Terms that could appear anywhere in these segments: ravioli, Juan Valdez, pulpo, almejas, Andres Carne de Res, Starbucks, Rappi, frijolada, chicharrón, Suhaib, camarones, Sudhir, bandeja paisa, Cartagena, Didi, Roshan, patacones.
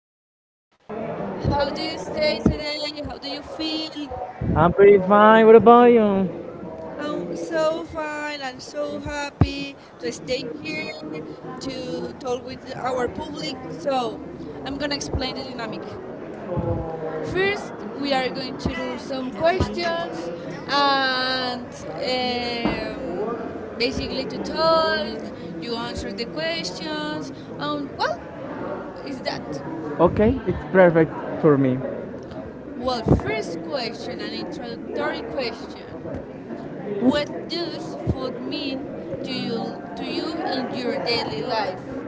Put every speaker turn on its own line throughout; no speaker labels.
enjoyable. How do you stay today? How do you feel?
I'm pretty fine. What about you?
I'm so fine and so happy to stay here to talk with our public. So I'm gonna explain the dynamic. First, we are going to do some questions and um, basically to talk. You answer the questions. And is that?
Okay, it's perfect for me.
Well, first question, an introductory question. What does food mean to you to you in your daily life?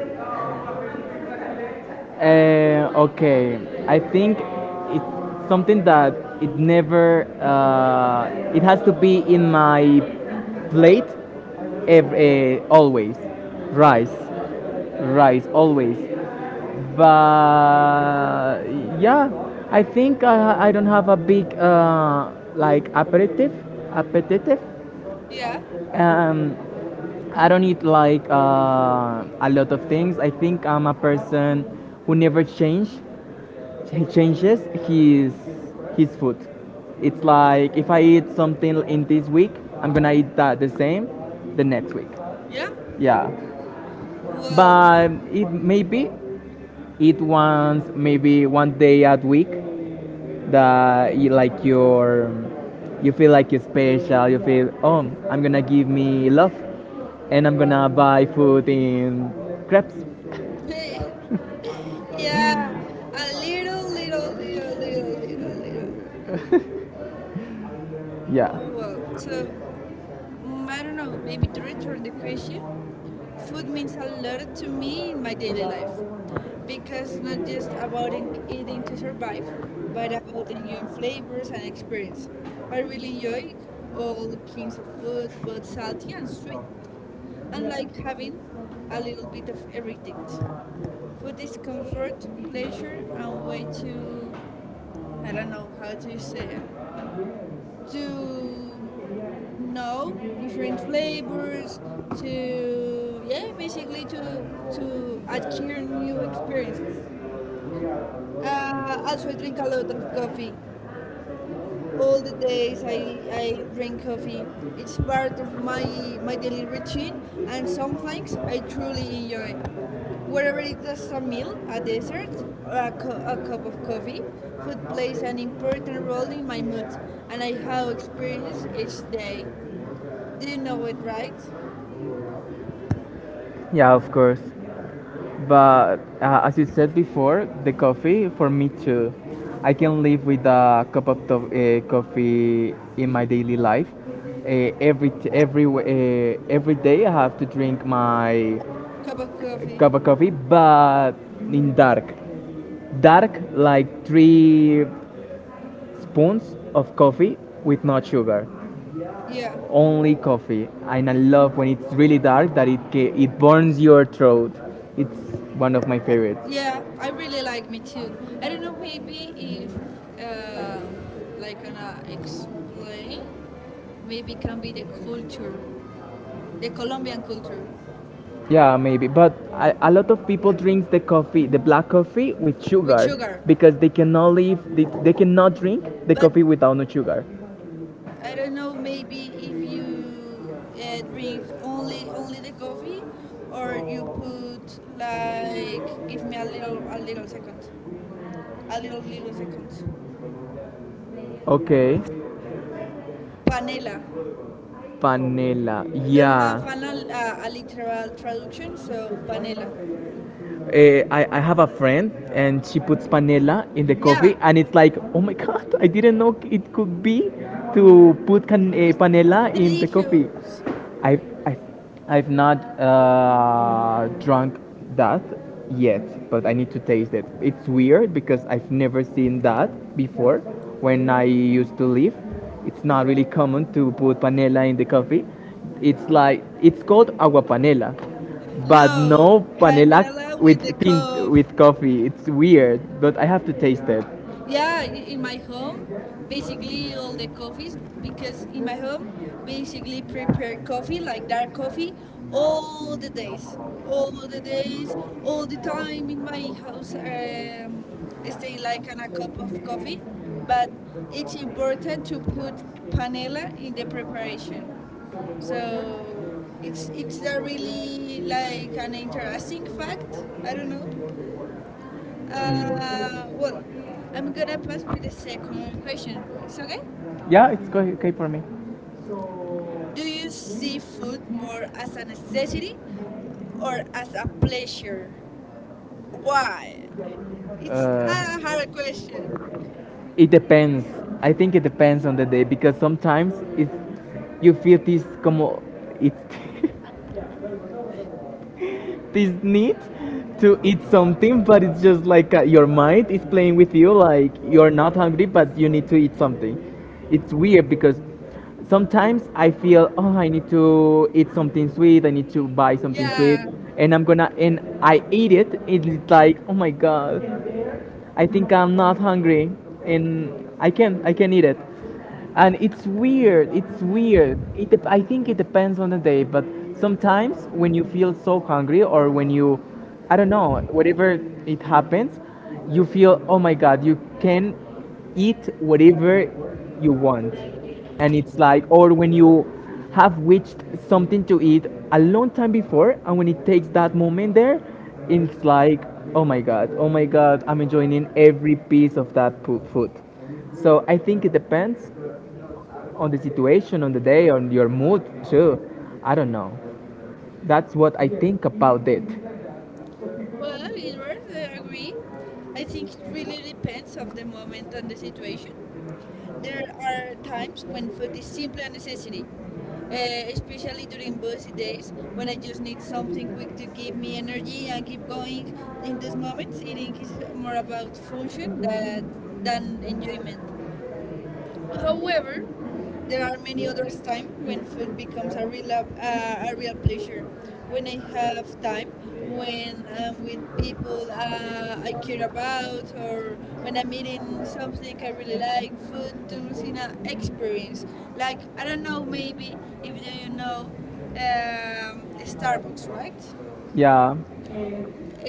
Okay, I think it's something that it never. It has to be in my plate, always. Rice, rice, always. But yeah, I think I don't have a big like aperitif.
Yeah.
Um, I don't eat like a lot of things. I think I'm a person who never change he changes his food. It's like if I eat something in this week, I'm gonna eat that the same the next week.
Yeah.
Yeah,
Well.
but it maybe eat once, maybe one day a week that you feel like you're special. You feel, oh, I'm gonna give me love, and I'm gonna buy food in crepes.
Yeah. A little, little, little, little, little, little.
Yeah,
Well, so mm, I don't know, maybe to return the question, food means a lot to me in my daily life because not just about eating to survive, but about enjoying flavors and experience. I really enjoy all kinds of food, both salty and sweet, and like having a little bit of everything. Food is comfort, pleasure, and way to, I don't know how to say it, to no, different flavors to yeah, basically to adhere new experiences. Also, I drink a lot of coffee. All the days I drink coffee. It's part of my daily routine, and some things I truly enjoy. Whether it's a meal, a dessert, or a, a cup of coffee, food plays an important role in my mood, and I have experienced each day. Do you know it, right?
yeah, of course. But as you said before, the coffee for me too. I can live with a cup of coffee in my daily life. Every t- every w- Every day I have to drink my
Cup of coffee.
cup of coffee. But in dark, like 3 spoons of coffee with no sugar.
Yeah.
Only coffee, and I love when it's really dark, that it burns your throat. It's one of my favorites.
Yeah, I really like me too. I don't know, maybe if, um, like, gonna explain, maybe can be the culture, the Colombian culture
Yeah, maybe. But a lot of people drinks the coffee, the black coffee with
with sugar.
sugar, because they cannot live, they cannot drink the
But
coffee without no sugar.
I don't know, maybe if you drink only the coffee, or you put like, give me a little second, a little second,
Okay.
panela.
Panela.
Don't
Yeah.
have an a literal traduction, so vanilla.
I have a friend and she puts panela in the
Yeah,
coffee and it's like, oh my god, I didn't know it could be to put
it's
panela in the coffee.
delicious.
I, I I've not drunk that yet, but I need to taste it. It's weird because I've never seen that before. When I used to live, it's not really common to put panela in the coffee. It's like it's called agua panela, but
No,
no panela
candela
with
with the
tint,
cove.
with coffee. It's weird, but I have to taste it.
Yeah, in my home, basically all the coffees because in my home, basically prepare coffee like dark coffee all the days, all the days, all the time in my house. I stay like on a cup of coffee, but it's important to put panela in the preparation. So it's a really like an interesting fact. I don't know. Uh, well, I'm gonna pass with the second question. It's okay?
Yeah, it's okay for me.
Do you see food more as a necessity or as a pleasure? Why? It's
Uh,
a hard question.
it depends. I think it depends on the day because sometimes it's you feel this como it's this need to eat something, but it's just like your mind is playing with you, like you're not hungry, but you need to eat something. It's weird because sometimes I feel, oh, I need to eat something sweet, I need to buy something sweet,
Yeah.
and I eat it, and it's like, oh my god, I think I'm not hungry and I can eat it. And it's weird. It's weird. I think it depends on the day, but sometimes when you feel so hungry or when you, I don't know, whatever it happens, you feel, oh my god, you can eat whatever you want. And it's like, or when you have wished something to eat a long time before, and when it takes that moment there, it's like, oh my god, oh my god, I'm enjoying every piece of that food. So I think it depends on the situation, on the day, on your mood too. I don't know, that's what I think about it.
Well, Edward, I agree. I think it really depends of the moment and the situation. There are times when food is simply a necessity, uh, especially during busy days when I just need something quick to give me energy and keep going. In those moments, eating is more about function that, than enjoyment. However, there are many others time when food becomes a real pleasure. When I have time, when I'm with people I care about, or when I'm eating something I really like, food turns in an experience. Like I don't know, maybe if do you know Starbucks, right?
Yeah.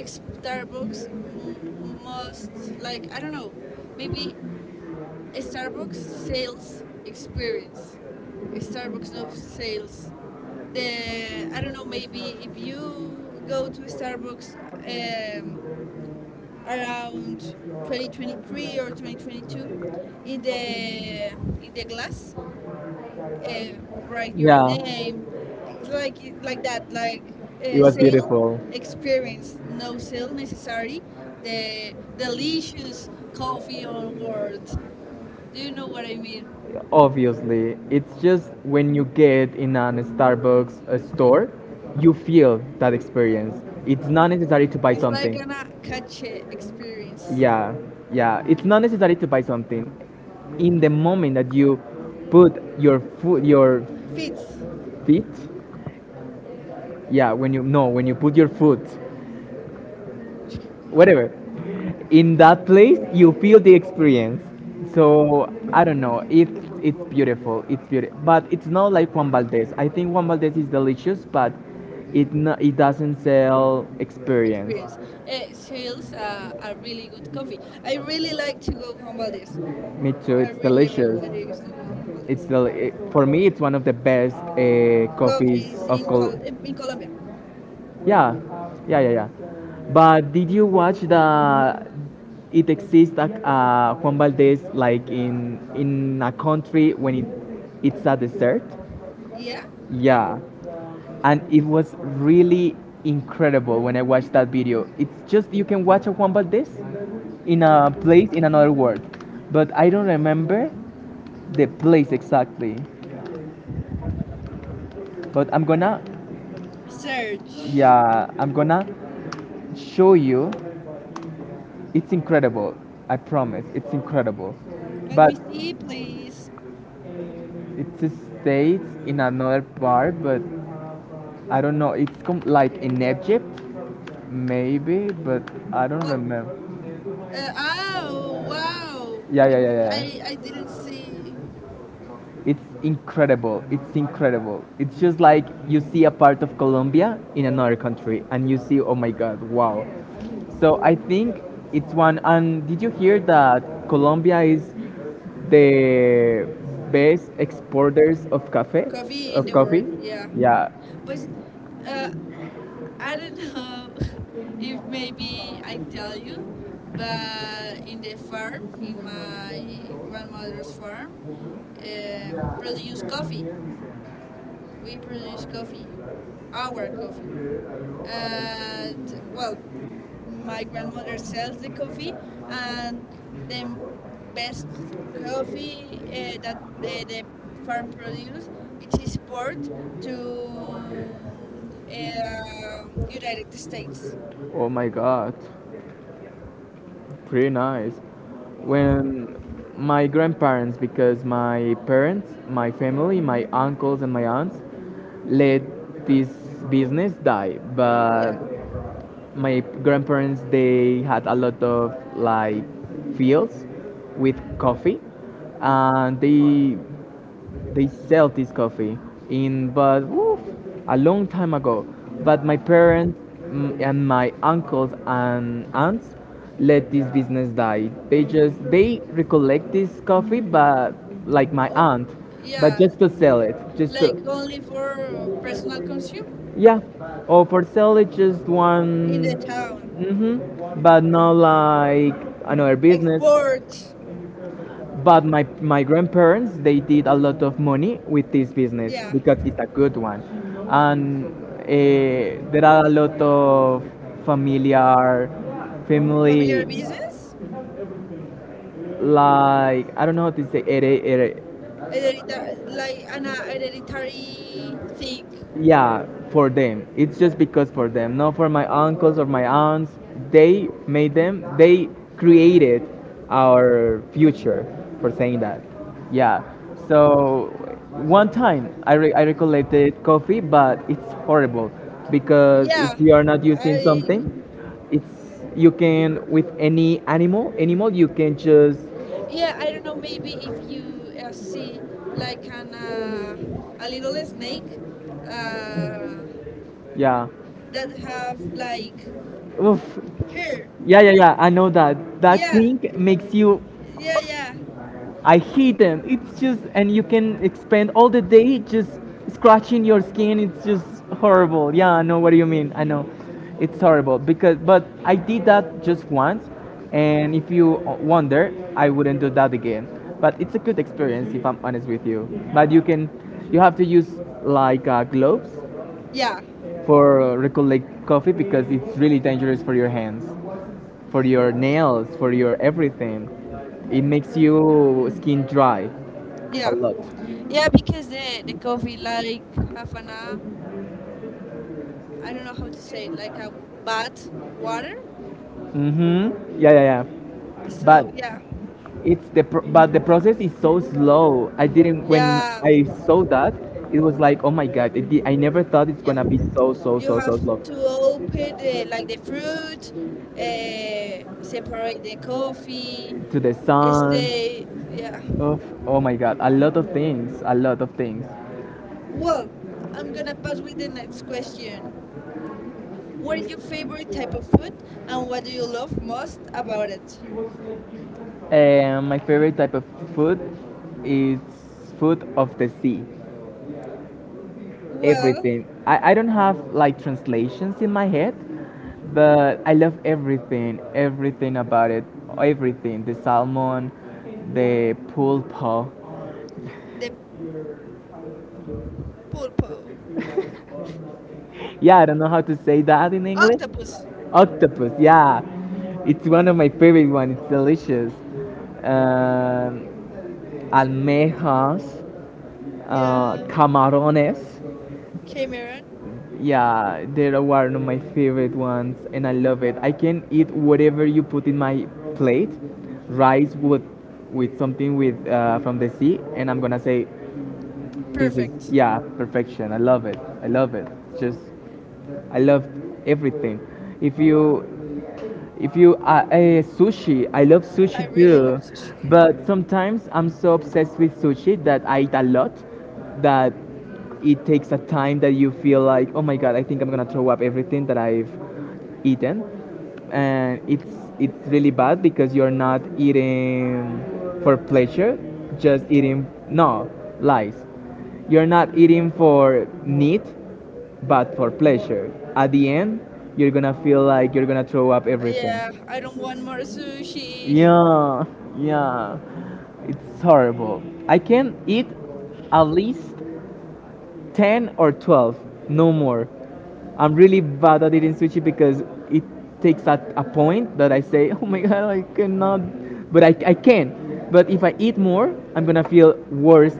Starbucks must like I don't know, maybe a Starbucks sales experience. A Starbucks no sales. The I don't know. Maybe if you go to a Starbucks around 2023 or 2022, in the glass, uh, write your
Yeah.
name. It's like that. Like
It was
sale
beautiful.
experience. No sale necessary. The delicious coffee on board. Do you know what I mean?
Obviously, it's just when you get in a Starbucks store, you feel that experience. It's not necessary to buy like
It's like an
something.
cache experience.
Yeah, yeah. It's not necessary to buy something. In the moment that you put your
Fits.
feet, yeah, when you, no, when you put your foot whatever in that place, you feel the experience. So I don't know, it's beautiful, it's beautiful, but it's not like Juan Valdez. I think Juan Valdez is delicious, but it, no, it doesn't sell experience.
Experience. It sales a really good coffee. I really like to go home Valdez.
Me too,
I
it's
really, really
delicious.
like to go home
It's
Valdez.
for me it's one of the best coffees
Coffees
of
in,
Col-
In Colombia.
yeah, yeah, yeah, yeah. But did you watch the? It exists like Juan Valdez, like in a country when it it's a desert.
Yeah?
Yeah, and it was really incredible when I watched that video. It's just you can watch a Juan Valdez in a place in another world, but I don't remember the place exactly. But I'm gonna,
Search.
yeah, I'm gonna show you. It's incredible. I promise, it's incredible.
Let
But
me see, please.
it's a state in another part, but I don't know. It's like in Egypt, maybe, but I don't
Well,
remember. Uh,
uh, oh wow!
Yeah, yeah, yeah, yeah.
I didn't see
It's incredible. It's incredible. It's just like you see a part of Colombia in another country and you see, oh my god, wow. So I think it's one. And did you hear that Colombia is the best exporters of cafe? Coffee.
coffee in
Of
the world.
coffee? Yeah.
Yeah,
Yeah.
but uh, I don't know if maybe I tell you, but in the farm, in my grandmother's farm, produce coffee. We produce coffee, our coffee. And well, my grandmother sells the coffee, and the best coffee that the farm produce it is export to United States.
Oh my god. Pretty nice. When my grandparents, because my parents, my family, my uncles and my aunts, let this business die. But
Yeah,
my grandparents, they had a lot of like fields with coffee, and they sell this coffee in, but oof, a long time ago. But my parents, mm, and my uncles and aunts let this business die. They just, they recollect this coffee, but like my aunt, but
yeah,
just to sell it, just to,
like only for personal consume
yeah, or for sell it just
in
one.
the town.
Mm-hmm, but not like another business.
Export,
But my grandparents, they did a lot of money with this business
yeah,
because it's a good one. And there are a lot of familiar
familiar
family,
business,
like I don't know how to say,
heredita- like an hereditary thing.
yeah, for them it's just because for them, not for my uncles or my aunts. They made them they created our future, for saying that. Yeah. So one time I recollected coffee, but it's horrible because if
Yeah,
you are not using
I
something, it's you can with any animal, you can just,
yeah I don't know. Maybe if you see like an a little snake uh,
yeah.
that have like
Oof.
hair.
Yeah, yeah, yeah, I know that, that
Yeah,
thing makes you,
yeah, yeah,
I hate them. It's just, and you can spend all the day just scratching your skin. It's just horrible. Yeah, I know what do you mean. I know, it's horrible because, but I did that just once, and if you wonder, I wouldn't do that again. But it's a good experience, if I'm honest with you. But you can, you have to use like gloves
yeah,
for recollect coffee because it's really dangerous for your hands, for your nails, for your everything. It makes you skin dry a
yeah,
lot.
yeah. Because the coffee like have an I don't know how to say it, like a bad water.
Mhm. Yeah, yeah, yeah. But
So yeah,
it's but the process is so slow. I didn't, when
yeah,
I saw that, it was like, oh my god. I never thought it's
yeah.
gonna be so so
You
so
have
so slow
to open the, like the fruit, separate the coffee,
to the sun.
stay. Yeah.
Oof, oh my god, a lot of things, a lot of things.
Well, I'm gonna pass with the next question. What is your favorite type of food, and what do you love most about it?
My favorite type of food is food of the sea.
Well,
Everything. I don't have like translations in my head, but I love everything, everything about it. Everything. The salmon, the pulpo.
the pulpo,
Yeah, I don't know how to say that in English.
octopus.
Octopus, yeah. It's one of my favorite ones. It's delicious. Um, almejas,
Yeah,
camarones.
Cameron.
Yeah, they're one of my favorite ones, and I love it. I can eat whatever you put in my plate, rice with something with from the sea, and I'm gonna say, this is,
Perfect.
yeah, perfection. I love it. I love it. It's just I love everything. If you if you Sushi, I love sushi
I really love
too,
sushi.
but sometimes I'm so obsessed with sushi that I eat a lot, that it takes a time that you feel like, oh my god, I think I'm gonna throw up everything that I've eaten, and it's really bad because you're not eating for pleasure, just eating, no lies. You're not eating for need but for pleasure. At the end, you're gonna feel like you're gonna throw up everything.
Yeah, I don't want more sushi.
Yeah, yeah. It's horrible. I can eat at least 10 or 12, no more. I'm really bad at eating sushi because it takes at a point that I say, oh my god, I cannot, but I can. But if I eat more, I'm gonna feel worse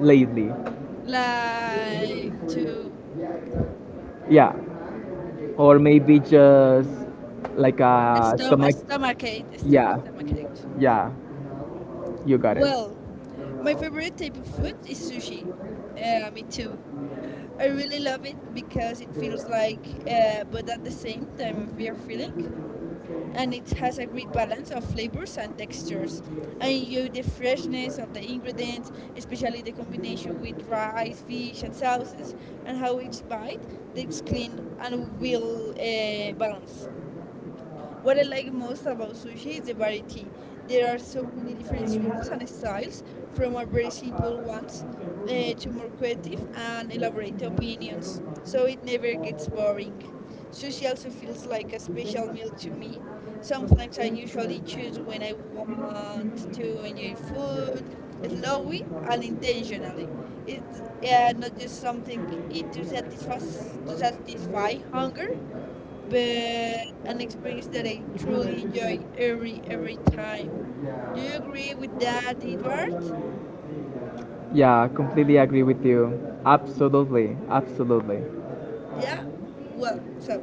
lately.
Like to
Yeah. Or maybe just like a stomach. Yeah,
Stomachache.
yeah, you got it.
Well, my favorite type of food is sushi. Me too. I really love it because it feels like, but at the same time, a weird feeling, and it has a great balance of flavors and textures. I enjoy the freshness of the ingredients, especially the combination with rice, fish, and sauces, and how each bite takes clean and will balance. What I like most about sushi is the variety. There are so many different rules and styles, from our very simple ones to more creative and elaborate opinions, so it never gets boring. Sushi also feels like a special meal to me. Sometimes I usually choose when I want to enjoy food, slowly and intentionally. It's not just something eat to satisfy hunger, but an experience that I truly enjoy every time. Do you agree with that, Edward?
Yeah, completely agree with you. Absolutely, absolutely.
Yeah. Well, so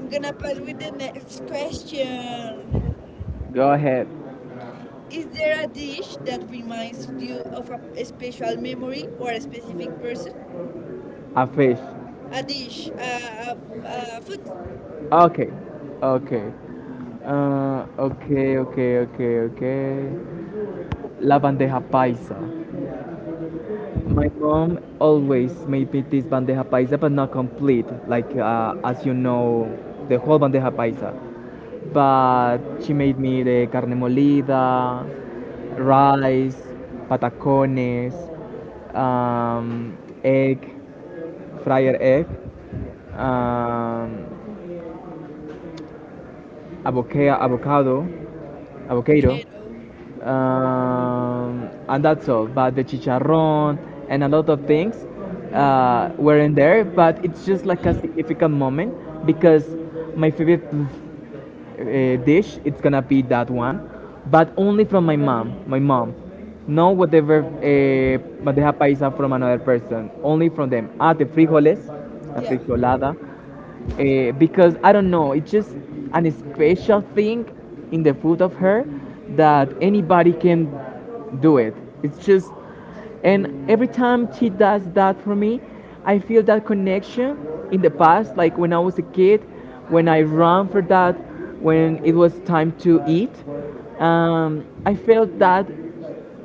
I'm gonna pass with the next question.
Go ahead.
Is there a dish that reminds you of a special memory or a specific person?
A fish.
A dish, a food,
Okay, okay. Okay. La bandeja paisa. My mom always made me this bandeja paisa, but not complete. Like, as you know, the whole bandeja paisa. But she made me the carne molida, rice, patacones, um, egg, fryer egg, um, avocado,
a
avocado,
potato.
and that's all. But the chicharrón and a lot of things were in there, but it's just like a significant moment because my favorite dish it's gonna be that one, but only from my mom. My mom, no whatever bandeja paisa from another person, only from them. Ah, the frijoles, la
Yeah,
frijolada, because I don't know, it's just an special thing in the food of her that anybody can do it. It's just, and every time she does that for me, I feel that connection in the past, like when I was a kid, when I ran for that, when it was time to eat. I felt that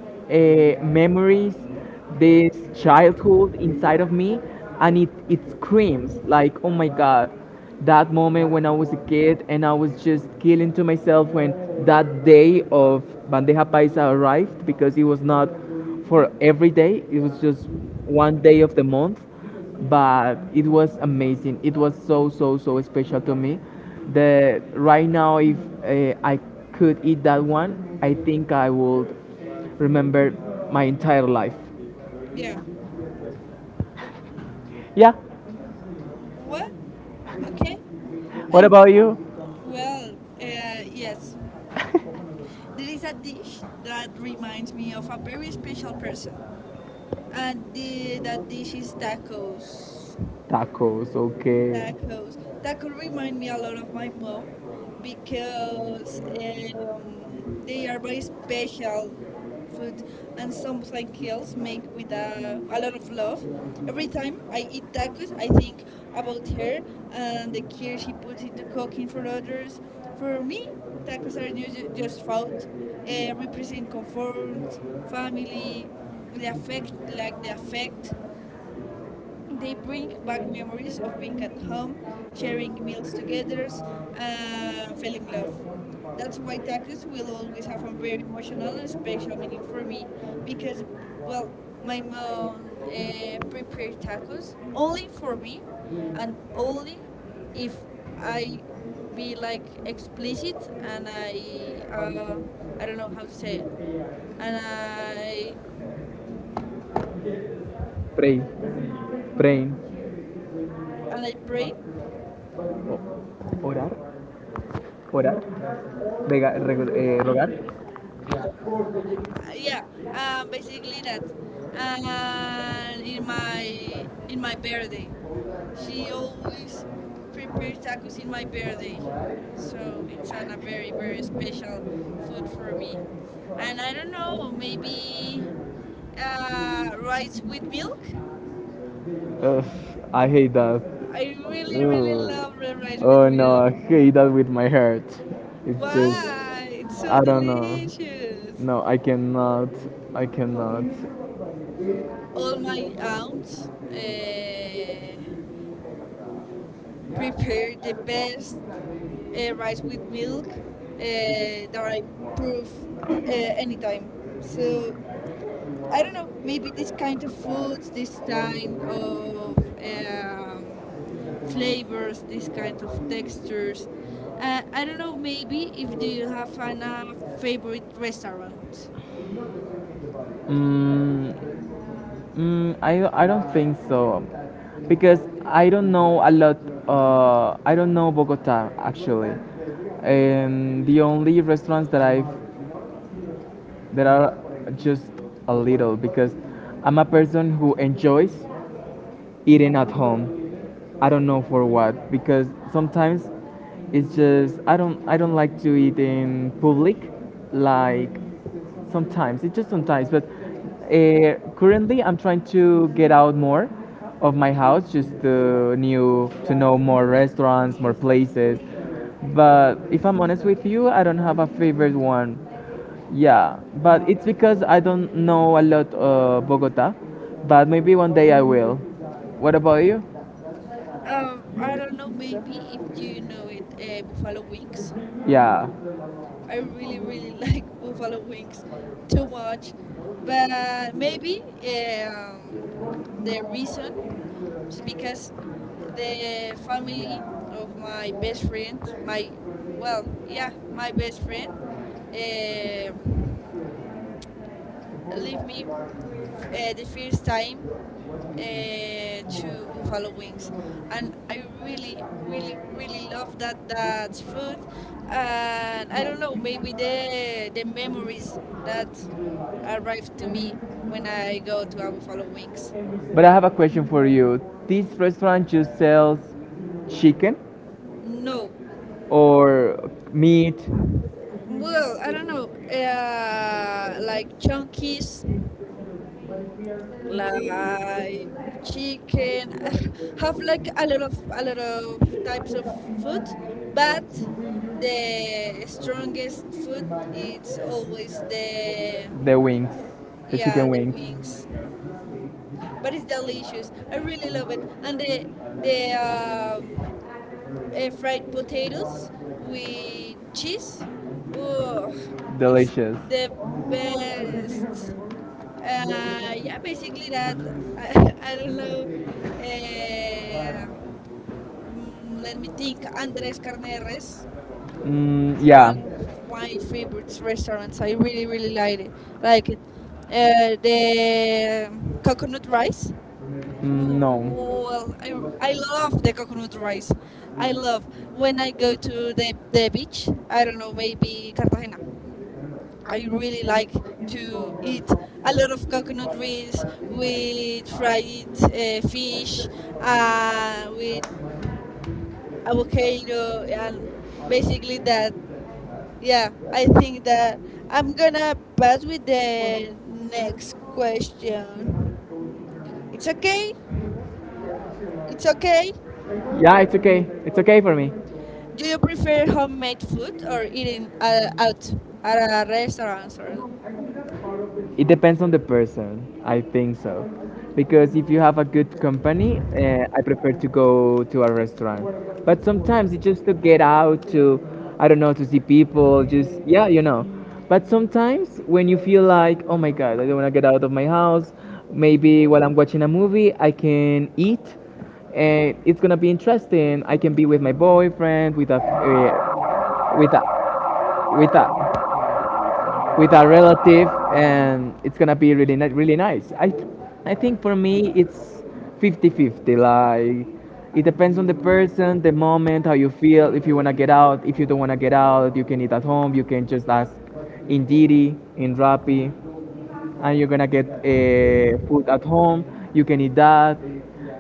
uh, memories, this childhood inside of me, and it screams like, oh my god, that moment when I was a kid and I was just killing to myself when that day of bandeja paisa arrived because it was not for every day; it was just one day of the month, but it was amazing, it was so so so special to me that right now if I could eat that one I think I would remember my entire life.
yeah.
Yeah.
What? Okay.
What
And
about you?
well, yes. There is a dish that reminds me of a very special person, and that dish is tacos
Tacos, okay.
tacos. That could remind me a lot of my mom because they are very special food and something else make with a lot of love. Every time I eat tacos, I think about her and the care she puts into cooking for others. For me, tacos are just food, represent comfort, family, the affect, like the affect they bring back memories of being at home, sharing meals together, and feeling love. That's why tacos will always have a very emotional and special meaning for me because, well, my mom prepared tacos only for me and only if I be like explicit and I, uh, I don't know how to say it, and I,
Pray, praying,
and I pray.
o- orar, orar, rogar.
Yeah, basically that. And in my birthday, she always prepares tacos in my birthday, so it's an, a very very special food for me. And I don't know, maybe rice with milk.
Ugh, I hate that.
I really really love the
Ugh.
rice with
Oh no,
milk.
I hate that with my heart. It's just,
Why? It's so
I don't know.
delicious.
No, I cannot. I cannot.
All my aunts uh, prepare the best rice with milk that I prove anytime. So I don't know, maybe this kind of foods, this kind of flavors, this kind of textures. I don't know, maybe if do you have an, favorite restaurant?
Mm, I don't think so because I don't know a lot. I don't know Bogota actually, and the only restaurants that I've that are just a little because I'm a person who enjoys eating at home. I don't know for what because sometimes it's just I don't like to eat in public, like sometimes it's just sometimes, but currently I'm trying to get out more of my house just to new to know more restaurants, more places, but if I'm honest with you I don't have a favorite one. Yeah, but it's because I don't know a lot Bogota, but maybe one day I will. What about you?
I don't know, maybe if you know it, Buffalo Wings.
Yeah.
I really, really like buffalo wings too much. But maybe um, the reason is because the family of my best friend, my, well, yeah, my best friend, uh, leave me the first time to buffalo wings and I really really really love that food and I don't know maybe the memories that arrive to me when I go to a buffalo wings.
But I have a question for you. This restaurant just sells chicken
No
or meat?
well I don't know like chunkies like chicken. I have like a lot of types of food, but the strongest food it's always the
The wings.
yeah the wings. But it's delicious. I really love it, and the um, fried potatoes with cheese. Ugh, it's
Delicious.
the best. Yeah, basically that. I don't know. Uh, mm, let me think. Andres Carne de Res
Mm,
it's one
yeah.
of my favorite restaurants. I really, really like it. Like it. The coconut rice.
Mm.
Ooh, well, I love the coconut rice. I love when I go to the beach. I don't know, maybe Cartagena. I really like to eat a lot of coconut rice with fried fish, with avocado, and basically that yeah, I think that I'm gonna pass with the next question. It's okay. It's okay.
Yeah, it's okay. It's okay for me.
Do you prefer homemade food or eating out at a restaurant? Or...
It depends on the person, I think so. Because if you have a good company, I prefer to go to a restaurant. But sometimes it's just to get out, to, I don't know, to see people, just, yeah, you know. But sometimes when you feel like, oh my God, I don't want to get out of my house, maybe while I'm watching a movie, I can eat. And it's going to be interesting. I can be with my boyfriend, with a, with a, with a, with a relative, and it's gonna be really really nice. I think for me it's 50-50. Like it depends on the person, the moment, how you feel. If you wanna get out, if you don't wanna get out, you can eat at home. You can just ask in Didi, in Rappi, and you're gonna get food at home. You can eat that,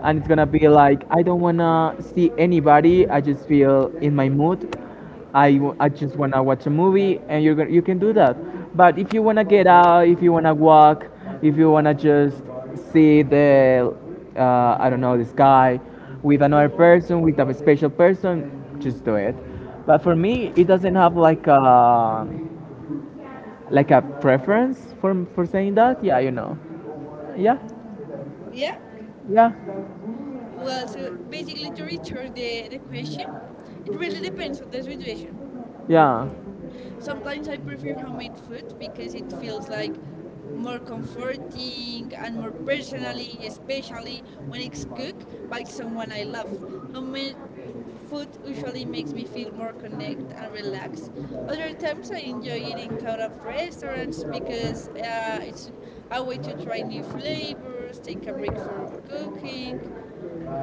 and it's gonna be like I don't wanna see anybody. I just feel in my mood. I just wanna watch a movie, and you can do that. But if you wanna get out, if you wanna walk, if you wanna just see the I don't know, the sky with another person, with a special person, just do it. But for me, it doesn't have like a preference for saying that? Yeah, you know. Yeah,
Yeah.
yeah.
Well, so basically, to return the question, it really depends on the situation.
Yeah,
Sometimes I prefer homemade food because it feels like more comforting and more personally, especially when it's cooked by someone I love. Homemade food usually makes me feel more connected and relaxed. Other times I enjoy eating out of restaurants because it's a way to try new flavors, take a break from cooking,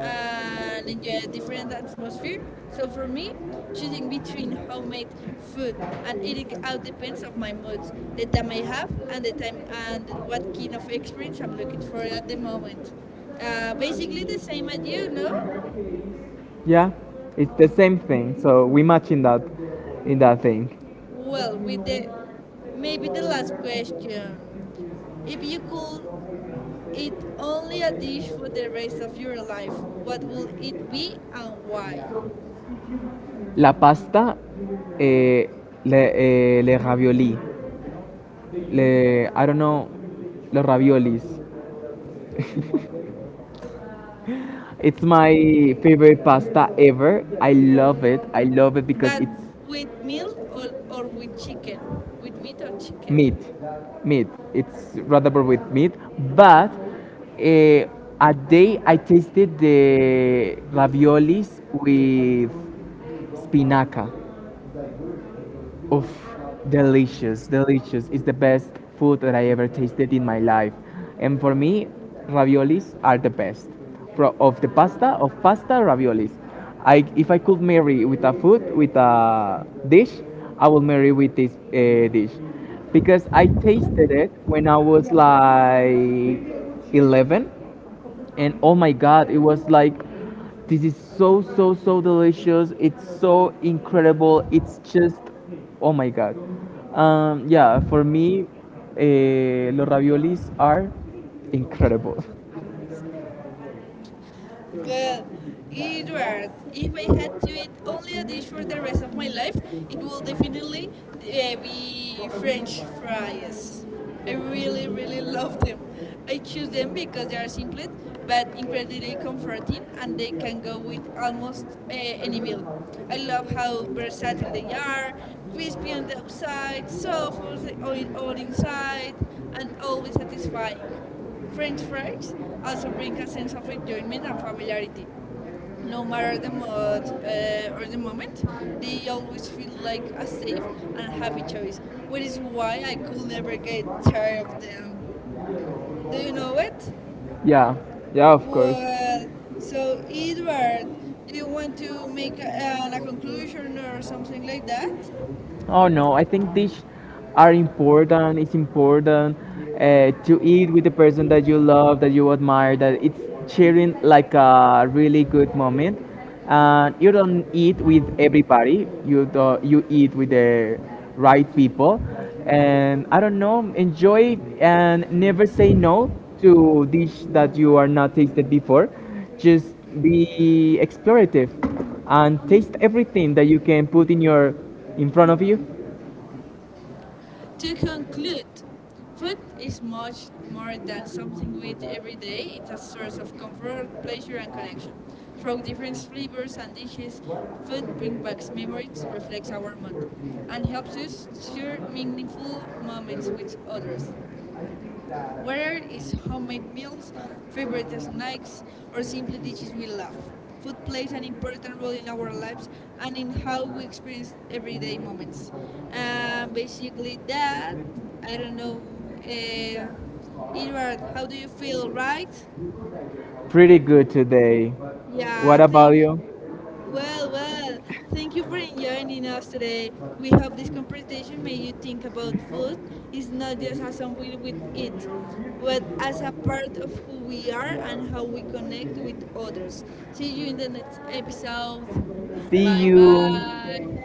and a different atmosphere. So for me, choosing between homemade food and eating out depends on my moods, the time I have, and the time and what kind of experience I'm looking for at the moment. Basically the same as you, no?
yeah, it's the same thing. So we match in that thing.
Well, with the maybe the last question. If you could eat only a dish for the rest of your life, what would it be and why?
La pasta, eh, eh, le ravioli, le I don't know, los raviolis. It's my favorite pasta ever. I love it. I love it because
But
it's
with meal or with chicken? With meat or
meat
chicken?
meat, it's rather with meat, but eh, a day I tasted the raviolis with spinaca. Oof, delicious, delicious. It's the best food that I ever tasted in my life. And for me, raviolis are the best. Of pasta, raviolis. I, if I could marry with a food, with a dish, I will marry with this dish. Because I tasted it when I was like 11, and oh my god it was like this is so so so delicious, it's so incredible, it's just oh my god. Yeah, for me, eh, los raviolis are incredible.
Well, Edward, if I had to eat only a dish for the rest of my life, it will definitely be French fries. I really, really love them. I choose them because they are simple, but incredibly comforting, and they can go with almost any meal. I love how versatile they are, crispy on the outside, soft on on inside, and always satisfying. French fries also bring a sense of enjoyment and familiarity. No matter the mood or the moment, they always feel like a safe and happy choice, which is why I could never get tired of them. Do you know it?
Yeah, yeah, of course.
Well, so Edward, do you want to make a conclusion or something like that?
Oh no, I think these are important. It's important to eat with the person that you love, that you admire, that it's sharing like a really good moment. And you don't eat with everybody. You do, you eat with the right people, and I don't know. Enjoy and never say no to dish that you are not tasted before, just be explorative and taste everything that you can put in your in front of you.
To conclude, food is much more than something we eat every day. It's a source of comfort, pleasure, and connection. Through different flavors and dishes, food brings back memories, reflects our mood, and helps us share meaningful moments with others. Whether it's homemade meals, favorite snacks, or simply dishes we love, food plays an important role in our lives and in how we experience everyday moments. Basically, that I don't know. Uh, Edward, how do you feel? Right?
Pretty good today.
Yeah,
What
I
about
think
you?
well, well, thank you for joining us today. We hope this conversation made you think about food is not just as something we eat, but as a part of who we are and how we connect with others. See you in the next episode. Bye bye.